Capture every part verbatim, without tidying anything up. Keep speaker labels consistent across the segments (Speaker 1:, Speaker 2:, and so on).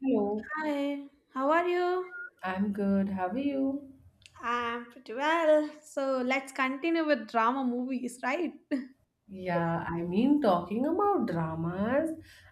Speaker 1: Hello,
Speaker 2: Hi, how are you?
Speaker 1: I'm good. How are you?
Speaker 2: I'm pretty well. So let's continue with drama movies, right?
Speaker 1: Yeah, I mean, talking about dramas,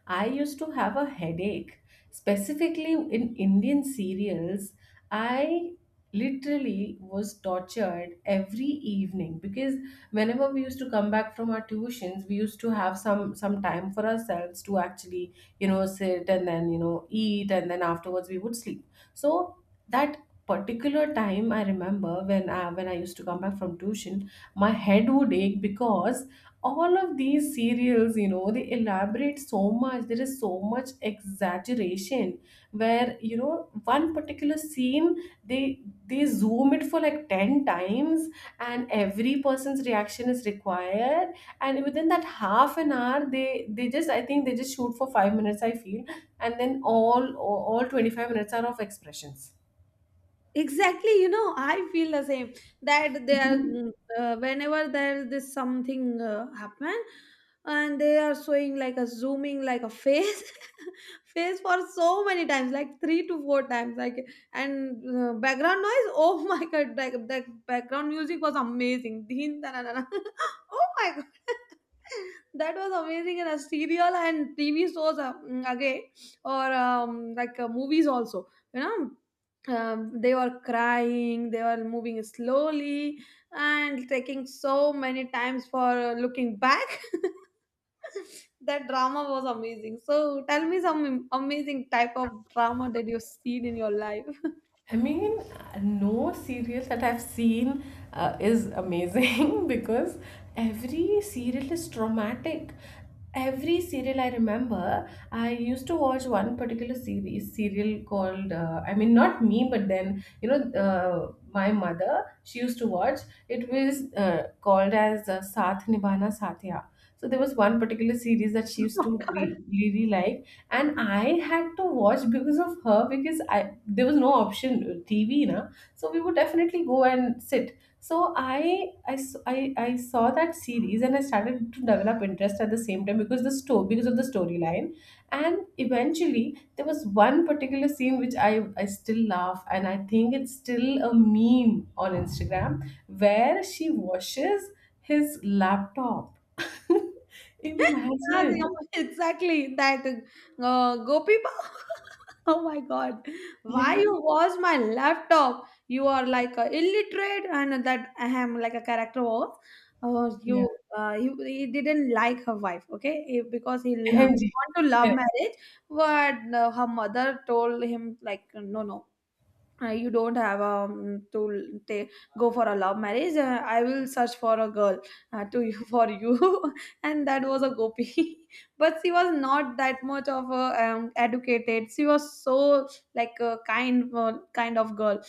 Speaker 1: I used to have a headache. Specifically in Indian serials, I literally was tortured every evening because whenever we used to come back from our tuitions, we used to have some some time for ourselves to actually, you know, sit and then, you know, eat and then afterwards we would sleep. So that particular time I remember when I, when I used to come back from tuition, my head would ache because all of these serials, you know, they elaborate so much. There is so much exaggeration where, you know, one particular scene they they zoom it for like ten times, and every person's reaction is required. And within that half an hour, they they just, I think they just shoot for five minutes, I feel, and then all all twenty-five minutes are of expressions.
Speaker 2: Exactly, you know, I feel the same that they are mm, uh, whenever there is this something uh, happen, and they are showing like a zooming like a face, face for so many times, like three to four times, like. And uh, background noise, oh my god. Like that background music was amazing. Dhin, da, da, da, da. Oh my god. That was amazing in a serial and TV shows, uh, mm, again, or um, like uh, movies also, you know. Um, they were crying, they were moving slowly and taking so many times for looking back. That drama was amazing. So tell me some am- amazing type of drama that you've seen in your life.
Speaker 1: I mean, no serial that I've seen uh, is amazing, because every serial is traumatic. Every serial I remember, I used to watch one particular series serial called. Uh, I mean, not me, but then you know, uh, my mother she used to watch. It was uh, called as uh, Saath Nibhana Sathya. So there was one particular series that she used to re- really like, and I had to watch because of her because I there was no option, uh, T V na. So we would definitely go and sit, so I, I s- I- I saw that series and I started to develop interest at the same time because the story because of the storyline. And eventually there was one particular scene which I, I still laugh and I think it's still a meme on Instagram where she washes his laptop.
Speaker 2: Yeah, they
Speaker 1: Imagine.
Speaker 2: exactly that uh, gopi Bhav. Oh my god, why
Speaker 1: Yeah.
Speaker 2: you was my laptop, you are like a illiterate, and that I am like a character was. Uh, you uh, he, he didn't like her wife, okay, he, because he, um, he
Speaker 1: M M G.
Speaker 2: want to love
Speaker 1: Correct.
Speaker 2: marriage. But uh, her mother told him like, no, no, uh, you don't have um, to ta go for a love marriage. uh, I will search for a girl uh, to you for you and that was a gopi. But she was not that much of a um, educated. She was so like a kind uh, kind of girl,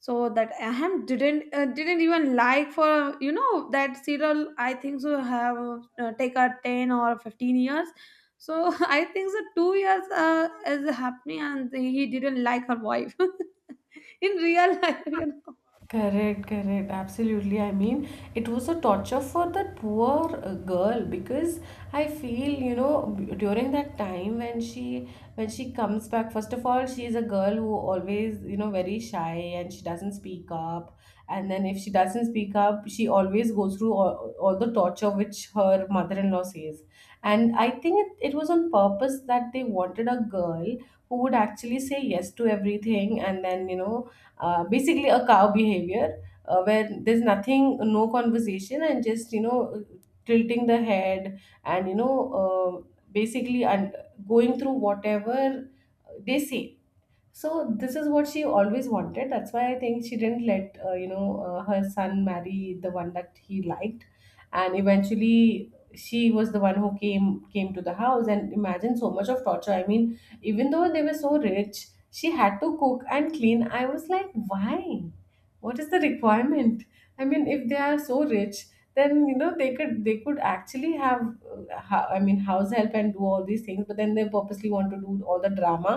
Speaker 2: so that Aham didn't uh, didn't even like. For, you know, that serial, I think so have uh, take a ten or fifteen years. So I think so two years uh, is happening, and he didn't like her wife in real life. You know,
Speaker 1: Correct, correct. Absolutely. I mean, it was a torture for that poor uh, girl because I feel, you know, b- during that time when she when she comes back, first of all, she is a girl who always, you know, very shy, and she doesn't speak up. And then if she doesn't speak up, she always goes through all, all the torture which her mother-in-law says. And I think it, it was on purpose that they wanted a girl who would actually say yes to everything, and then, you know, uh, basically a cow behavior, uh, where there's nothing no conversation, and just, you know, tilting the head, and, you know, uh, basically, and going through whatever they say. So this is what she always wanted. That's why I think she didn't let, uh, you know, uh, her son marry the one that he liked, and eventually she was the one who came came to the house. And imagine so much of torture. I mean, even though they were so rich, she had to cook and clean. I was like, why? What is the requirement? I mean, if they are so rich, then you know they could they could actually have, uh, ho- I mean, house help and do all these things. But then they purposely want to do all the drama.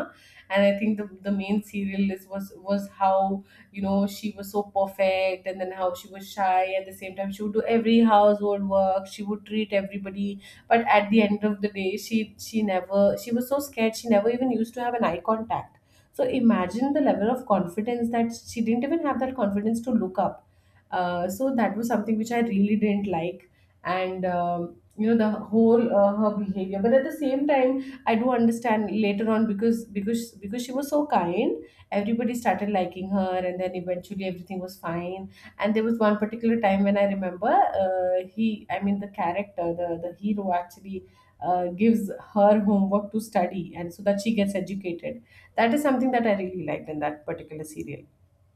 Speaker 1: And I think the, the main serial is was was how, you know, she was so perfect, and then how she was shy. At the same time she would do every household work, she would treat everybody, but at the end of the day she she never she was so scared, she never even used to have an eye contact. So imagine the level of confidence that she didn't even have that confidence to look up. Uh, so that was something which I really didn't like, and um, you know, the whole uh, her behavior. But at the same time, I do understand later on, because because because she was so kind, everybody started liking her, and then eventually everything was fine. And there was one particular time when I remember, uh, he, I mean the character, the the hero actually. Uh, gives her homework to study and so that she gets educated. That is something that I really liked in that particular serial.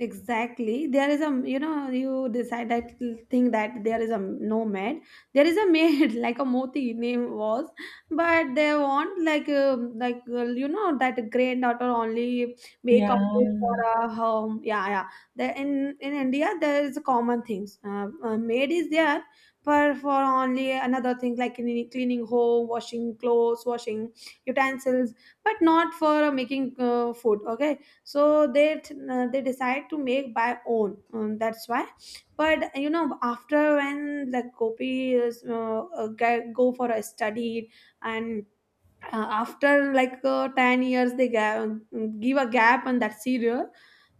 Speaker 2: exactly, there is a, you know, you decide that thing that there is a no maid, there is a maid like a moti name was. But they want like uh, like uh, you know, that granddaughter only make
Speaker 1: Yeah.
Speaker 2: up for a home. Yeah, yeah. The in in India there is a common things. Uh, uh, maid is there, but for only another thing like cleaning, cleaning home, washing clothes, washing utensils, but not for making uh, food, okay. So they uh, they decide to make by own, um, that's why. But you know, after when the copy is uh, uh, get- go for a study, and uh, after like uh, ten years they ga- mm, give a gap on that serial.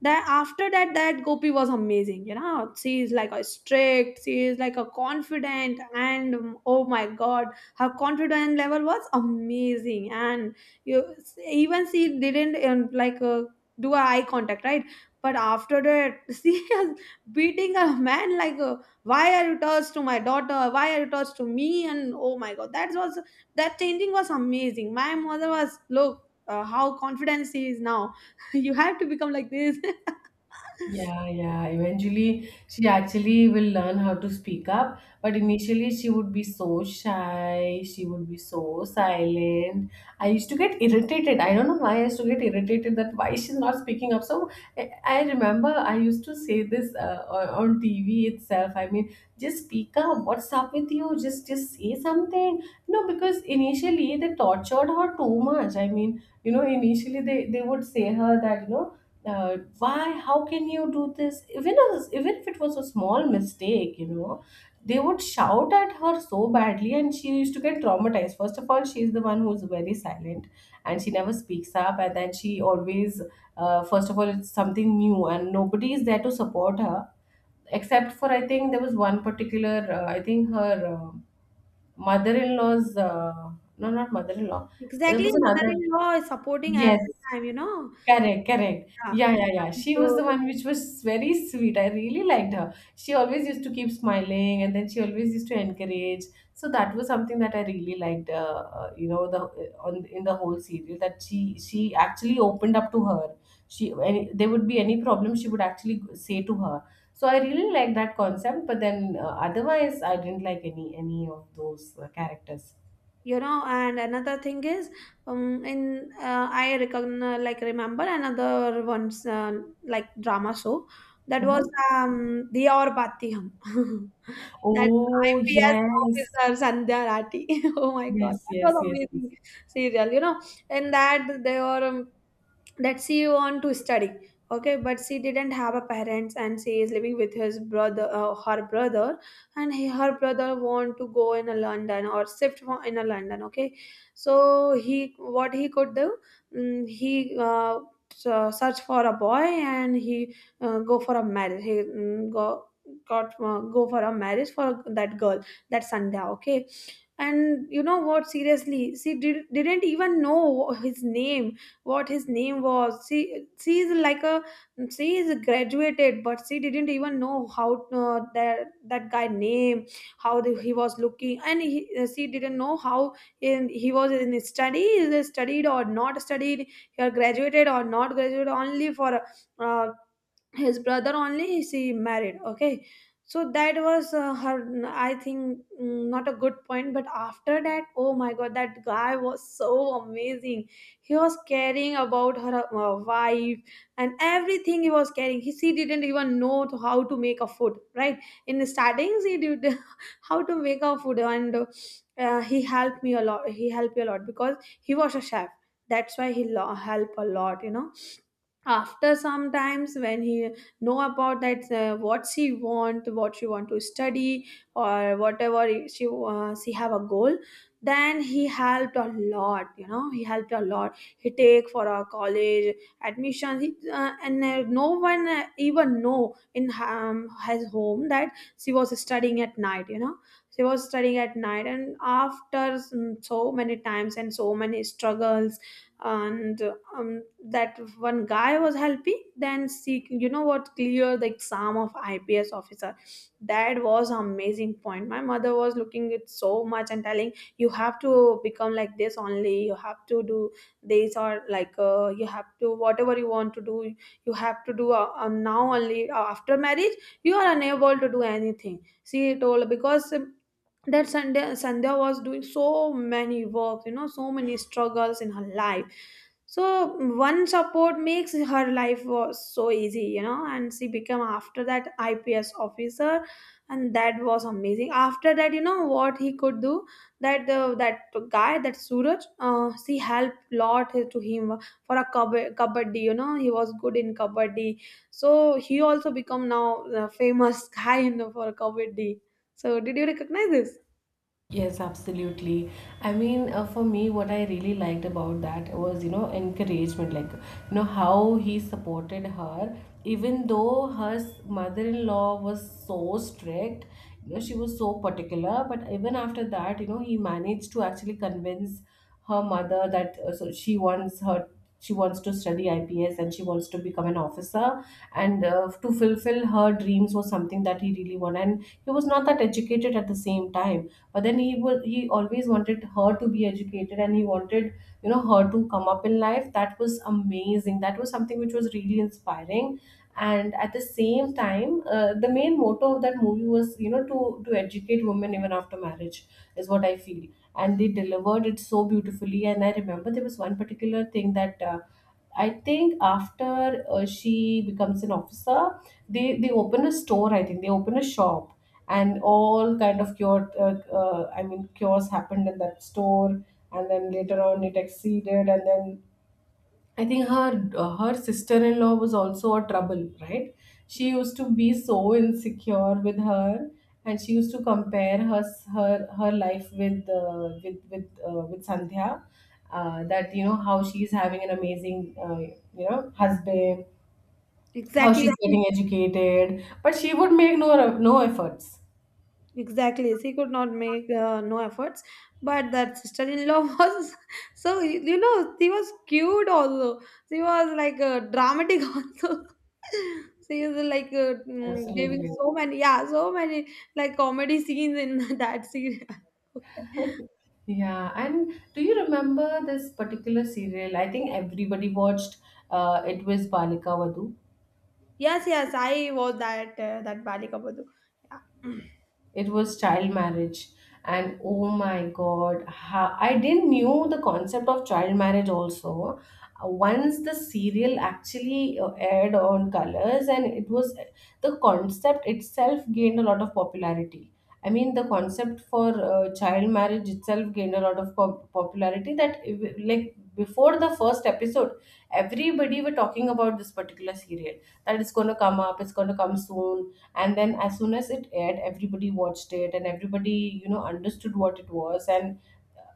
Speaker 2: That after that, that gopi was amazing, you know. She is like a strict, she is like a confident, and um, oh my god, her confidence level was amazing. And you, even she didn't um, like uh, do a eye contact, right? But after that she is beating a man like, uh, why are you touched to my daughter, why are you touched to me? And oh my god, that was, that changing was amazing. My mother was look, uh, how confident she is now. You have to become like this.
Speaker 1: Yeah, yeah. Eventually, she actually will learn how to speak up. But initially, she would be so shy. She would be so silent. I used to get irritated. I don't know why I used to get irritated that why she's not speaking up. So I I remember I used to say this uh, on on T V itself. I mean, just speak up. What's up with you? Just just say something. No, because initially they tortured her too much. I mean, you know, initially they they would say her that you know, uh, why, how can you do this, even as, even if it was a small mistake, you know, they would shout at her so badly, and she used to get traumatized. First of all, she's the one who's very silent and she never speaks up, and then she always, uh, first of all it's something new and nobody is there to support her, except for I think there was one particular, uh, I think her uh, mother-in-law's, uh, no, not mother-in-law, there
Speaker 2: Exactly,
Speaker 1: was another.
Speaker 2: mother-in-law is supporting
Speaker 1: Yes.
Speaker 2: every time, you know.
Speaker 1: Correct, correct.
Speaker 2: Yeah.
Speaker 1: Yeah, yeah, yeah. She was
Speaker 2: So,
Speaker 1: the one which was very sweet. I really liked her. She always used to keep smiling, and then she always used to encourage. So that was something that I really liked, uh, uh, you know, the uh, on in the whole series that she she actually opened up to her. She any, there would be any problem, she would actually say to her. So I really liked that concept, but then uh, otherwise I didn't like any any of those uh, characters.
Speaker 2: you know, and another thing is, um in uh, I recognize, like remember, another one's uh, like drama show. That was
Speaker 1: Mm-hmm.
Speaker 2: um the aur Bati Hum. That
Speaker 1: Oh,
Speaker 2: ips
Speaker 1: yes.
Speaker 2: officer sandhya Rathi. Oh my god,
Speaker 1: Yes,
Speaker 2: that was
Speaker 1: yes, yes, yes.
Speaker 2: amazing serial, you know. In that they were, um, that she want to study, okay. But she didn't have a parents, and she is living with his brother, uh, her brother. And he, her brother want to go in a london, or shift fro- in a london, okay. So he what he could do? Mm, he uh, So search for a boy, and he uh, go for a marriage. He mm, go got uh, Go for a marriage for that girl, that sandhya, okay. And you know what, seriously she did, didn't even know his name, what his name was. She she is like a, she is graduated, but she didn't even know how, uh, that that guy name, how the, he was looking. And he, uh, she didn't know how, in he was in study, is he studied or not studied, he graduated or not graduated. Only for uh, his brother only she married, okay. So that was uh, her, I think, mm, not a good point. But after that, oh my god, that guy was so amazing. He was caring about her uh, wife, and everything he was caring. He, she didn't even know to how to make a food, right? In the startings he did how to make a food. And uh, he helped me a lot, he helped me a lot because he was a chef, that's why he lo- helped a lot, you know. After sometimes, when he know about that, uh, what she want, what she want to study, or whatever she uh, she have a goal, then he helped a lot, you know. He helped a lot he take for a college admission. He, uh, and uh, No one uh, even know in um, his home that she was studying at night, you know. She was studying at night And after, mm, so many times and so many struggles, and um, that one guy was helping, then she, you know what, clear the exam of ips officer. That was amazing point. My mother was looking it so much and telling, you have to become like this only, you have to do this, or like uh, you have to, whatever you want to do you have to do, uh, uh, now only, uh, after marriage you are unable to do anything, she told. Because um, that Sunday, Sandhya was doing so many works, you know, so many struggles in her life. So one support makes her life was so easy, you know, and she became after that ips officer. And that was amazing. After that, you know what he could do, that uh, that guy, that suraj, uh, she helped lot to him for a kab- kabaddi. You know, he was good in kabaddi, so he also become now a famous guy in the, for kabaddi. So did you recognize this?
Speaker 1: Yes, absolutely. I mean, uh, for me, what I really liked about that was, you know, encouragement, like, you know, how he supported her, even though her s- mother-in-law was so strict, you know, she was so particular, but even after that, you know, he managed to actually convince her mother that, uh, so she wants her she wants to study I P S and she wants to become an officer, and, uh, to fulfill her dreams was something that he really wanted. And he was not that educated at the same time, but then he would he always wanted her to be educated, and he wanted, you know, her to come up in life. That was amazing, that was something which was really inspiring. And at the same time, uh, the main motto of that movie was, you know, to to educate women even after marriage, is what I feel. And they delivered it so beautifully. And I remember there was one particular thing that, uh, I think after uh, she becomes an officer, they they open a store. I think they open a shop, and all kind of cure. Uh, uh, I mean, cures happened in that store, and then later on it exceeded, and then I think her, uh, her sister-in-law was also a trouble, right? She used to be so insecure with her, and she used to compare her her her life with, uh, with with uh, with Sandhya, uh, that, you know, how she's having an amazing, uh, you know, husband, how she's
Speaker 2: Exactly.
Speaker 1: Exactly. getting educated, but she would make no no efforts.
Speaker 2: Exactly, she could not make uh, no efforts, but that sister-in-law was, so you know, she was cute also. She was like uh, dramatic also. She is like uh, mm, giving
Speaker 1: Absolutely.
Speaker 2: so many, yeah, so many like comedy scenes in that scene. Okay.
Speaker 1: Yeah, and do you remember this particular serial? I think everybody watched. Uh, it was Balika Vadhu.
Speaker 2: Yes, yes, I was that uh, that Bali Kabadu. Yeah.
Speaker 1: It was child marriage. And oh my God, how, I didn't knew the concept of child marriage also. Uh, Once the serial actually uh, aired on Colors, and it was the concept itself gained a lot of popularity. I mean, the concept for uh, child marriage itself gained a lot of pop- popularity. That ev- like before the first episode, everybody were talking about this particular serial, that it's going to come up, it's going to come soon, and then as soon as it aired, everybody watched it, and everybody, you know, understood what it was, and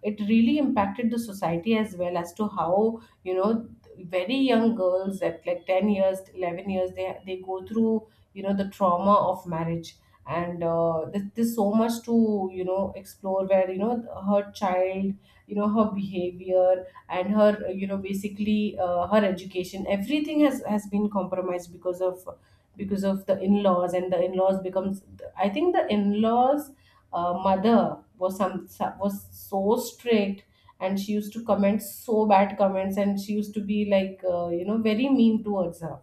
Speaker 1: it really impacted the society as well, as to how, you know, very young girls at like ten years, eleven years, they they go through, you know, the trauma of marriage. And uh, there's, there's so much to, you know, explore, where, you know, her child you know, her behavior, and her, you know, basically uh, her education, everything has has been compromised because of, because of the in-laws. And the in-laws becomes, I think the in-laws uh, mother was some was so strict, and she used to comment so bad comments, and she used to be like, uh, you know, very mean towards her.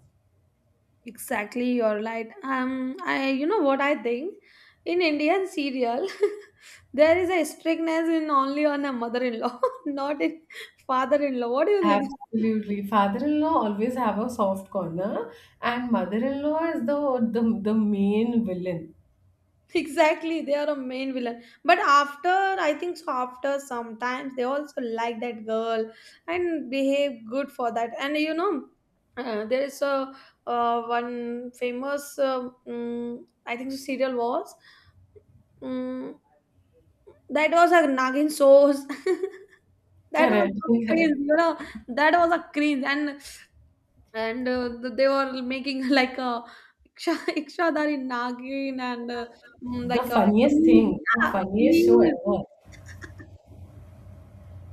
Speaker 2: Exactly, you're right. Um, I, you know what I think? In Indian serial, there is a strictness in only on a mother-in-law, not in father-in-law. What do you think?
Speaker 1: Absolutely. Father-in-law always have a soft corner, and mother-in-law is the the, the main villain.
Speaker 2: Exactly, they are a main villain. But after, I think so, after sometimes they also like that girl and behave good for that. And you know, uh, there is a uh, one famous, uh, mm, I think the serial was, mm, that was a Nagin Source. That was
Speaker 1: Correct.
Speaker 2: a cringe,
Speaker 1: Correct.
Speaker 2: you know, that was a cringe. And and uh, th- they were making like a iksha- ikshadari nagin, and uh, mm,
Speaker 1: The
Speaker 2: like a
Speaker 1: funniest
Speaker 2: bees,
Speaker 1: thing, the
Speaker 2: yeah,
Speaker 1: funniest show
Speaker 2: bees.
Speaker 1: ever.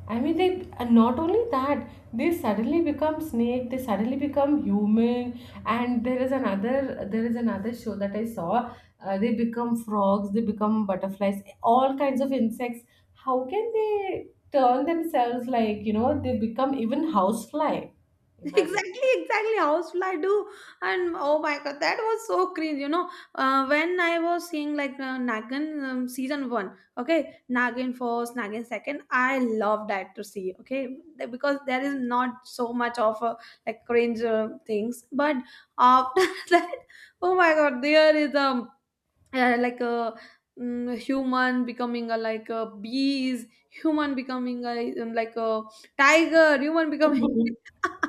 Speaker 1: I mean, they, and not only that, they suddenly become snake, they suddenly become human, and there is another there is another show that I saw. Uh, they become frogs, they become butterflies, all kinds of insects. How can they turn themselves, like, you know they become even housefly? Imagine.
Speaker 2: Exactly, exactly housefly do. And oh my god, that was so cringe, you know. Uh, when I was seeing like uh, nagin um, season one, okay, nagin first, nagin second, I love that to see, okay. Th- because there is not so much of uh, like cringe uh, things. But after that, oh my god, there is a uh, like a, mm, human becoming a like a bees, human becoming a, um, like a tiger, human becoming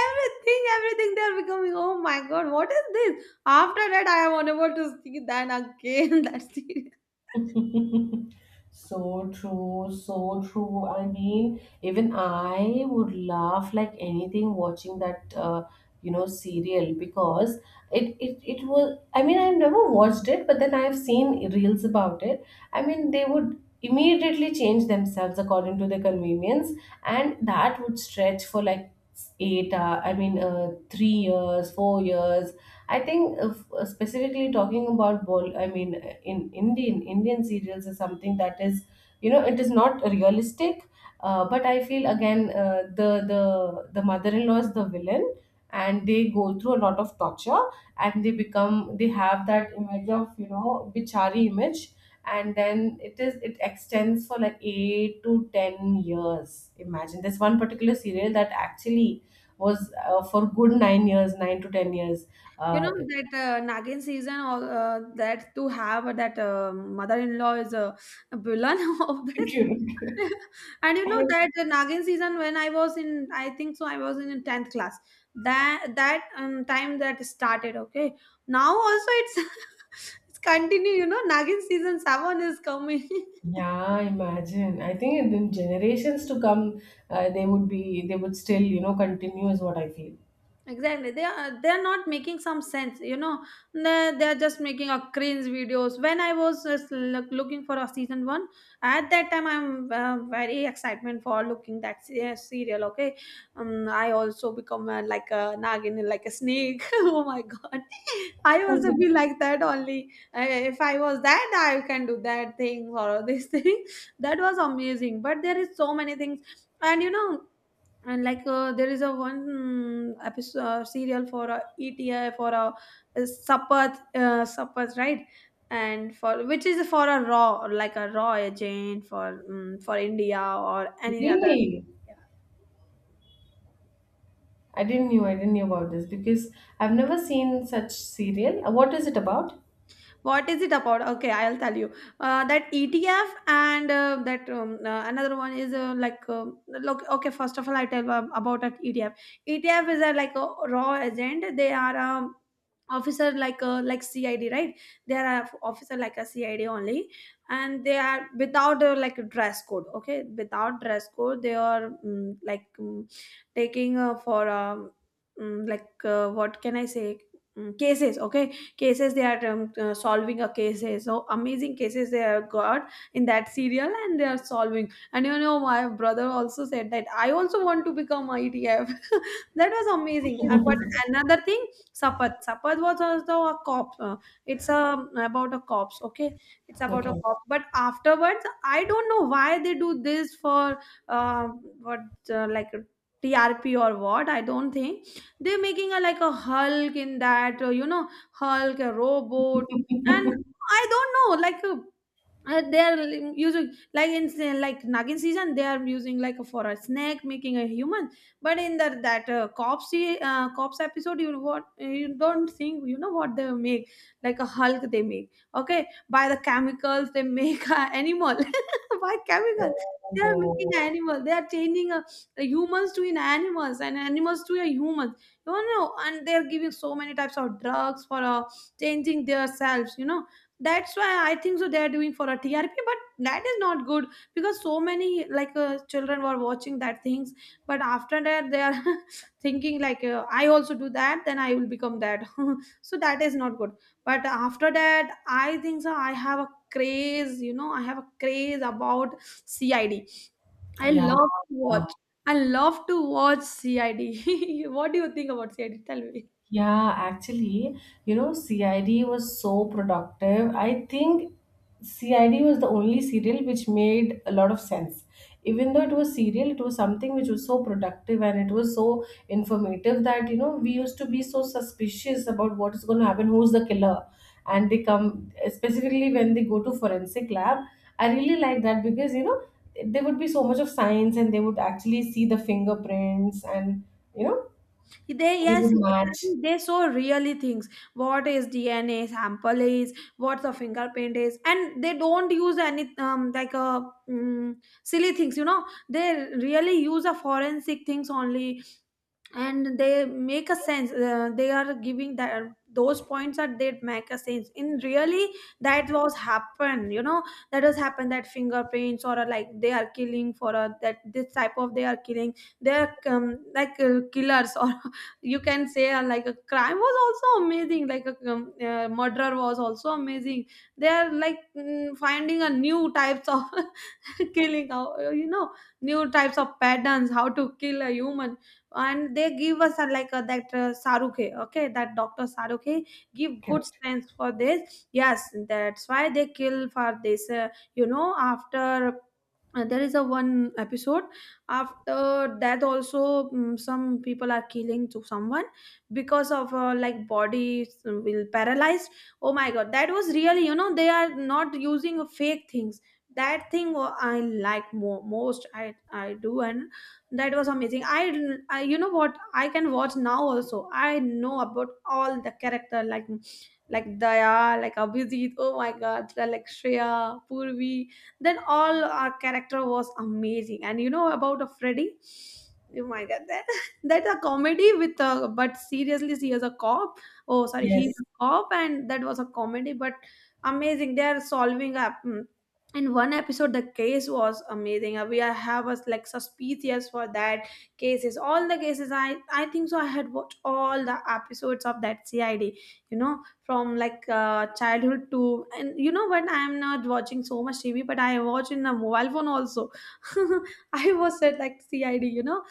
Speaker 2: everything, everything they're becoming. Oh my god, what is this? After that I am unable to see that again. That's it.
Speaker 1: So true, so true. I mean, even I would laugh like anything watching that, uh, you know, serial, because it, it it was. I mean, I've never watched it, but then I've seen reels about it. I mean, they would immediately change themselves according to their convenience, and that would stretch for like eight. Uh, I mean, uh, three years, four years. I think, uh, f- specifically talking about ball. I mean, in Indian Indian serials is something that is, you know it is not realistic. Uh, but I feel again, uh, the the the mother-in-law is the villain, and they go through a lot of torture, and they become they have that image of, you know bichari image. And then it is it extends for like eight to ten years. Imagine, this one particular serial that actually was, uh, for good nine years nine to ten years,
Speaker 2: You
Speaker 1: uh,
Speaker 2: know that uh, Nagin season, uh, that to have that uh, mother-in-law is a villain of this.
Speaker 1: you know.
Speaker 2: And you know that the Nagin season, when I was in, I think so, I was in tenth class, that that um, time that started. Okay, now also it's it's continue. You know, Nagin season seven is coming.
Speaker 1: Yeah, imagine. I think in the generations to come, uh, they would be, they would still, you know, continue is what I feel.
Speaker 2: Exactly, they are, they are not making some sense, you know. They, they are just making a cringe videos. When I was just look, looking for a season one, at that time I'm uh, very excitement for looking that se- uh, serial, okay. um, I also become uh, like a nagin, like a snake. Oh my god, I also
Speaker 1: Mhm.
Speaker 2: be like that only, uh, if I was that I can do that thing or this thing. That was amazing, but there is so many things. And you know, and like uh, there is a one, mm, episode uh, serial for uh, E T I, for a uh, Sapath, uh, Sapath, right? And for which is for a raw, like a raw agent for um, for India or any other.
Speaker 1: Really?
Speaker 2: Yeah.
Speaker 1: I didn't knew, I didn't knew about this because I've never seen such serial. Uh, What is it about?
Speaker 2: What is it about? Okay, I'll tell you. Uh, that E T F and uh, that um, uh, another one is uh, like uh, look. Okay, first of all, I tell um, about that E T F. E T F is a like a raw agent. They are um, officer like a like C I D, right? They are a officer like a C I D only, and they are without uh, like a dress code. Okay, without dress code, they are mm, like mm, taking uh, for um, mm, like uh, what can I say? Mm, cases, okay. Cases they are um, uh, solving a cases, so amazing cases they have got in that serial, and they are solving. And you know, my brother also said that I also want to become I T F. That was amazing. And but another thing, sapat sapat was also a cop. Uh, it's a about a cops, okay. It's about a
Speaker 1: Okay.
Speaker 2: cop, but afterwards I don't know why they do this for uh, what uh, like T R P or what. I don't think they're making a like a hulk in that, uh, you know. Hulk, a robot, and I don't know, like, uh, uh, they are li- using like in se- like nagin season they are using like for a snake making a human, but in the that uh, cops se- uh, cops episode, you what you don't think, you know what they make? Like a hulk they make, okay, by the chemicals they make a animal. By chemical
Speaker 1: Oh,
Speaker 2: they are
Speaker 1: God.
Speaker 2: making an animal. They are changing a, a humans to in animals and animals to a humans, you know, and they are giving so many types of drugs for uh, changing their selves, you know. That's why I think so they are doing for a T R P, but that is not good because so many like uh, children were watching that things. But after that they are thinking like, uh, I also do that then I will become that. So that is not good. But after that I think so I have a craze, you know, I have a craze about C I D, i D. I
Speaker 1: Yeah.
Speaker 2: love to watch. I love to watch C I D. What do you think about C I D, tell me?
Speaker 1: Yeah, actually, you know, C I D was so productive. I think C I D was the only serial which made a lot of sense. Even though it was serial, it was something which was so productive, and it was so informative that, you know, we used to be so suspicious about what is going to happen, who's the killer. And they come, specifically when they go to forensic lab, I really like that because, you know, there would be so much of science, and they would actually see the fingerprints, and, you know,
Speaker 2: They,
Speaker 1: they
Speaker 2: yes,
Speaker 1: would match.
Speaker 2: exactly. They so really things. What is D N A sample is, what's a fingerprint is, and they don't use any um like a mm silly things. You know, they really use a forensic things only, and they make a sense. Uh, they are giving that those points are they make a sense in really. That was happen, you know. That has happened. That fingerprints or, uh, like they are killing for a that, this type of they are killing. They are um, like uh, killers, or you can say, uh, like a crime was also amazing, like a um, uh, murder was also amazing. They are like mm, finding a new types of killing how, you know, new types of patterns how to kill a human. And they give us a, like a, that uh, saruke, okay, that doctor saruke give good
Speaker 1: Correct.
Speaker 2: sense for this, yes, that's why they kill for this, uh, you know. After uh, there is a one episode. After that also, mm, some people are killing to someone because of, uh, like body uh, will paralyzed. Oh my god, that was really, you know, they are not using fake things. That thing wa- I like more most, i i do. And that was amazing. I, I you know what, I can watch now also. I know about all the character, like like daya, like abhijit, oh my god, like shreya, purvi, then all our character was amazing. And you know about a freddy, oh my god, that that's a comedy with a, but seriously he is a cop. Oh sorry, he's
Speaker 1: Yes,
Speaker 2: a cop, and that was a comedy, but amazing. They are solving up, mm, in one episode the case was amazing. Uh, we are- have us like suspicious for that cases, all the cases, i i think so I had watched all the episodes of that C I D, you know, from like, uh, childhood to. And you know, when I'm not watching so much T V, but I watch in a mobile phone also. I was at like C I D, you know.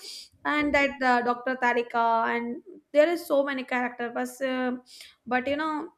Speaker 2: And that uh, Dr. tarika, and there is so many characters, but, uh, but you know,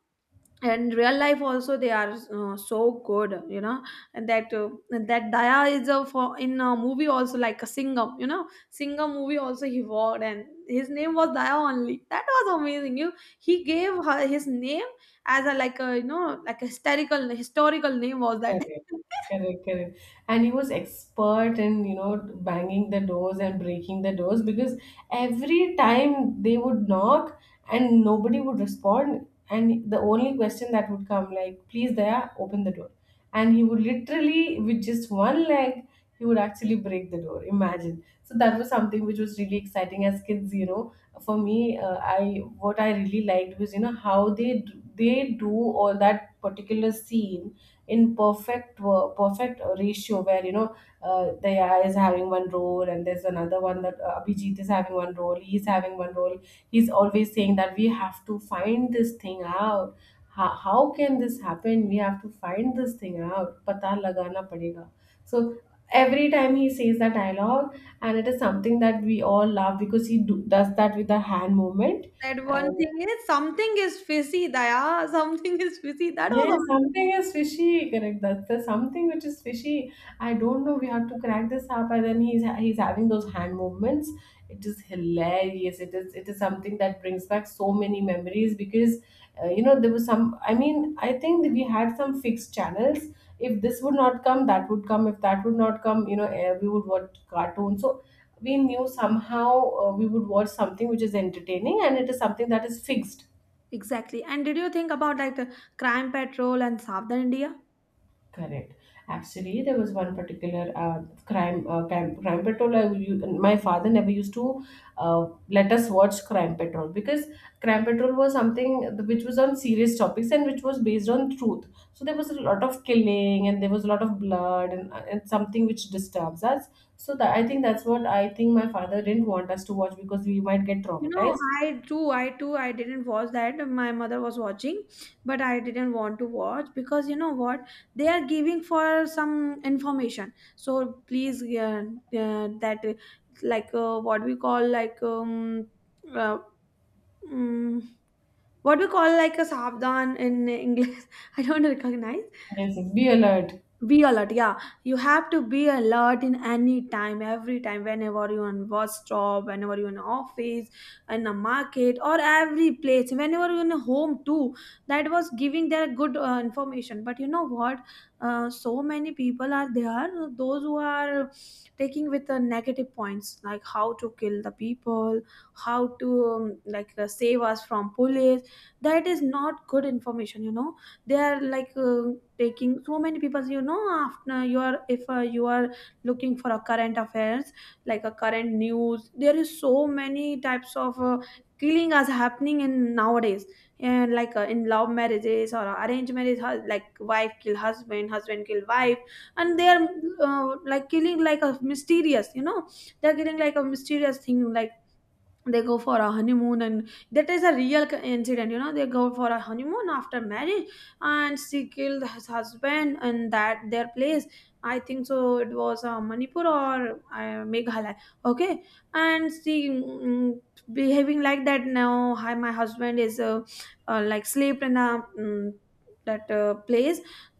Speaker 2: and real life also they are, uh, so good, you know. And that uh, that daya is a for in a movie also like a singer, you know, singer movie also he wore, and his name was daya only, that was amazing you. He gave her his name as a, like a, you know, like a historical, historical name was that.
Speaker 1: correct, correct, correct. And he was expert in, you know, banging the doors and breaking the doors, because every time they would knock and nobody would respond. And the only question that would come, like, please, Daya, open the door. And he would literally, with just one leg, he would actually break the door. Imagine. So that was something which was really exciting as kids, you know. For me, uh, I what I really liked was, you know, how they d- they do all that particular scene in perfect wo- perfect ratio, where you know uh, Daya is having one role, and there's another one that, uh, Abhijit is having one role he's having one role He's always saying that we have to find this thing out. How, how can this happen? We have to find this thing out, pata lagana padega. So every time he says that dialogue, and it is something that we all love because he do, does that with the hand movement.
Speaker 2: That one
Speaker 1: And
Speaker 2: thing is something is fizzy, daya. Something is fizzy, that was
Speaker 1: Yes,
Speaker 2: amazing.
Speaker 1: something is fishy. Correct. That's the something which is fishy. I don't know. We have to crack this up, and then he's he's having those hand movements. It is hilarious. It is it is something that brings back so many memories because, uh, you know there was some. I mean, I think that we had some fixed channels. If this would not come, that would come. If that would not come, you know, eh, we would watch cartoons. So we knew somehow, uh, we would watch something which is entertaining, and it is something that is fixed.
Speaker 2: Exactly, and did you think about like the crime patrol and southern india?
Speaker 1: Correct. Actually, there was one particular, uh, crime, uh, crime crime patrol. I, u- my father never used to, uh, let us watch crime patrol because crime patrol was something which was on serious topics and which was based on truth. So there was a lot of killing and there was a lot of blood, and, uh, and something which disturbs us. So that, I think, that's what I think my father didn't want us to watch because we might get
Speaker 2: You know,
Speaker 1: traumatized.
Speaker 2: I too, I too, I didn't watch that. My mother was watching, but I didn't want to watch because you know what? They are giving for some information. So please, uh, uh, that uh, like uh, what we call like, um, uh, um what we call like a sabdan in English. I don't recognize.
Speaker 1: Yes, yes, be alert.
Speaker 2: Be alert, yeah. You have to be alert in any time, every time, whenever you're on bus stop, whenever you in office, in a market, or every place, whenever you in a home too. That was giving their good uh, information. But you know what? Uh, so many people are there, those who are taking with the negative points, like how to kill the people, how to um, like uh, save us from police. That is not good information, you know, they are like, uh, taking so many people, you know, after you are if, uh, you are looking for a current affairs, like a current news, there is so many types of uh, killing as happening in nowadays. And like, uh, in love marriages or arranged marriage, hu- like wife kill husband, husband kill wife, and they are, uh, like killing like a mysterious, you know, they're killing like a mysterious thing. Like they go for a honeymoon, and that is a real c- incident, you know, they go for a honeymoon after marriage, and she killed his husband. And that their place, I think so it was, uh, manipur or uh, meghalaya, okay. And she mm, mm, behaving like that, now hi, my husband is, uh, uh, like sleep in a, mm, that uh, place,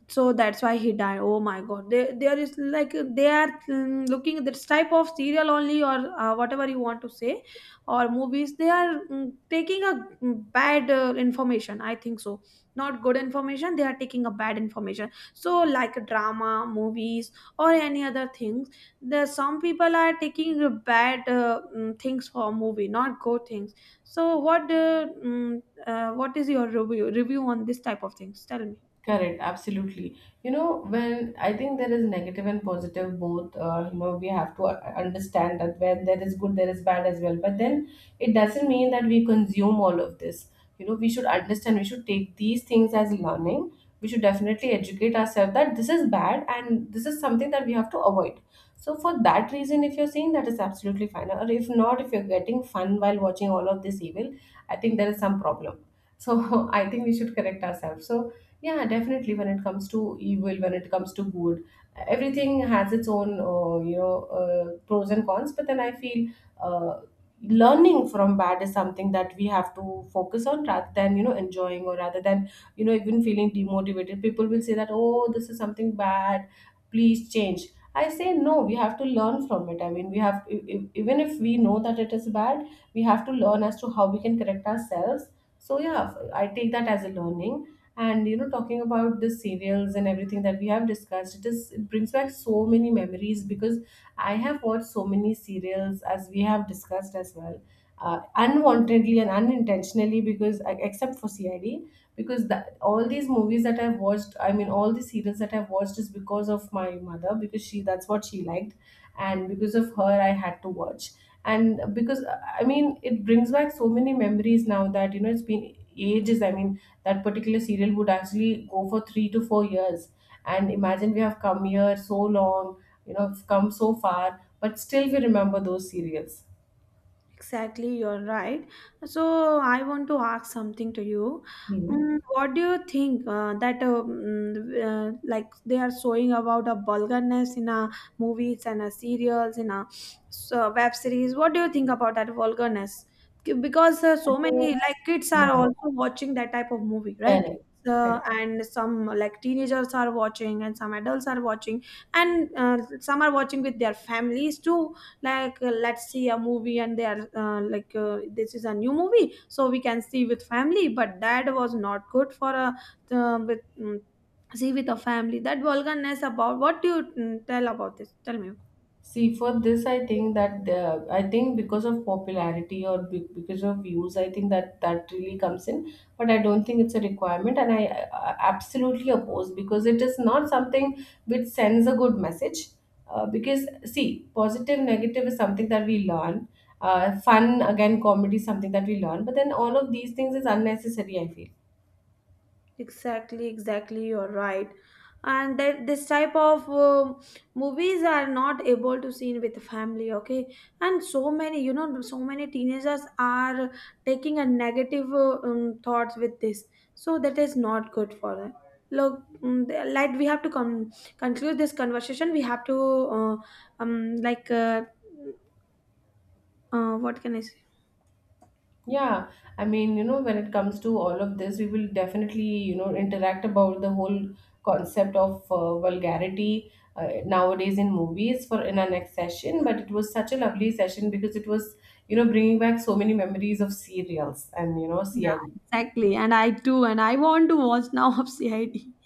Speaker 2: so that's why he died. Oh my god, they, there is like they are, mm, looking at this type of serial only or, uh, whatever you want to say, or movies. They are mm, taking a, mm, bad uh, information, I think so. Not good information, they are taking a bad information. So like drama movies or any other things, there some people are taking the bad, uh, mm, things for movie, not good things. So what, uh, mm, uh, what is your review review on this type of things, tell me?
Speaker 1: Correct, absolutely. You know, when I think there is negative and positive both, uh, you know, we have to, uh, understand that when there is good, there is bad as well. But then it doesn't mean that we consume all of this. You know, we should understand, we should take these things as learning. We should definitely educate ourselves that this is bad and this is something that we have to avoid. So, for that reason, if you're saying, that is absolutely fine. Or if not, if you're getting fun while watching all of this evil, I think there is some problem. So, I think we should correct ourselves. So, yeah, definitely. When it comes to evil, when it comes to good, everything has its own, uh, you know, uh, pros and cons. But then I feel, uh, learning from bad is something that we have to focus on rather than, you know, enjoying, or rather than, you know, even feeling demotivated. People will say that, oh, this is something bad, please change. I say no, we have to learn from it. I mean, we have, e- e- even if we know that it is bad, we have to learn as to how we can correct ourselves. So, yeah, I take that as a learning. And, you know talking about the serials and everything that we have discussed, it is it brings back so many memories because I have watched so many serials, as we have discussed as well, uh, unwantedly and unintentionally, because, uh, except for CID. Because that, all these movies that I've watched, I mean, all the serials that I've watched is because of my mother, because she, that's what she liked, and because of her I had to watch. And because, I mean, it brings back so many memories now that, you know, it's been ages. I mean, that particular serial would actually go for three to four years. And imagine, we have come here so long, you know, we've come so far, but still we remember those serials.
Speaker 2: Exactly, you're right. So I want to ask something to you.
Speaker 1: Hmm.
Speaker 2: Mm, what do you think, uh, that uh, mm, uh, like they are showing about a vulgarness in a movies and a serials in a so web series? What do you think about that vulgarness? K- Because, uh,
Speaker 1: I
Speaker 2: so many
Speaker 1: think,
Speaker 2: like kids are
Speaker 1: no,
Speaker 2: also watching that type of movie, right?
Speaker 1: correct,
Speaker 2: So,
Speaker 1: correct.
Speaker 2: and some like teenagers are watching, and some adults are watching, and, uh, some are watching with their families too. Like, uh, let's see a movie, and they are, uh, like uh, this is a new movie, so we can see with family, but that was not good for a, uh, with mm, see with a family, that vulgarness about, what do you mm, tell about this, tell me?
Speaker 1: See, for this, I think that, uh, I think because of popularity, or be- because of views, I think that that really comes in. But I don't think it's a requirement, and I, I absolutely oppose because it is not something which sends a good message. Uh, because, see, positive, negative is something that we learn. Uh, fun again, comedy is something that we learn. But then all of these things is unnecessary. I feel.
Speaker 2: Exactly, exactly. You're right. And that this type of um movies are not able to seen with family, okay? And so many, you know, so many teenagers are taking a negative, uh, um, thoughts with this. So that is not good for them. Look, um, the- like we have to con- conclude this conversation. We have to, uh, um, like, uh, uh, what can I say?
Speaker 1: Yeah, I mean, you know, when it comes to all of this, we will definitely, you know, interact about the whole concept of, uh, vulgarity, uh, nowadays in movies for in our next session. But it was such a lovely session because it was, you know, bringing back so many memories of serials and, you know,
Speaker 2: Yeah,
Speaker 1: C I D.
Speaker 2: exactly. And I too. And I want to watch now of C I D.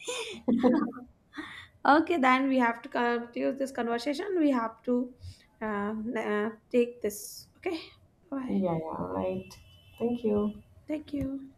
Speaker 2: Okay, then we have to conclude this conversation. We have to, um, uh, take this. Okay,
Speaker 1: Yeah,
Speaker 2: bye.
Speaker 1: yeah, all right. Thank you.
Speaker 2: Thank you.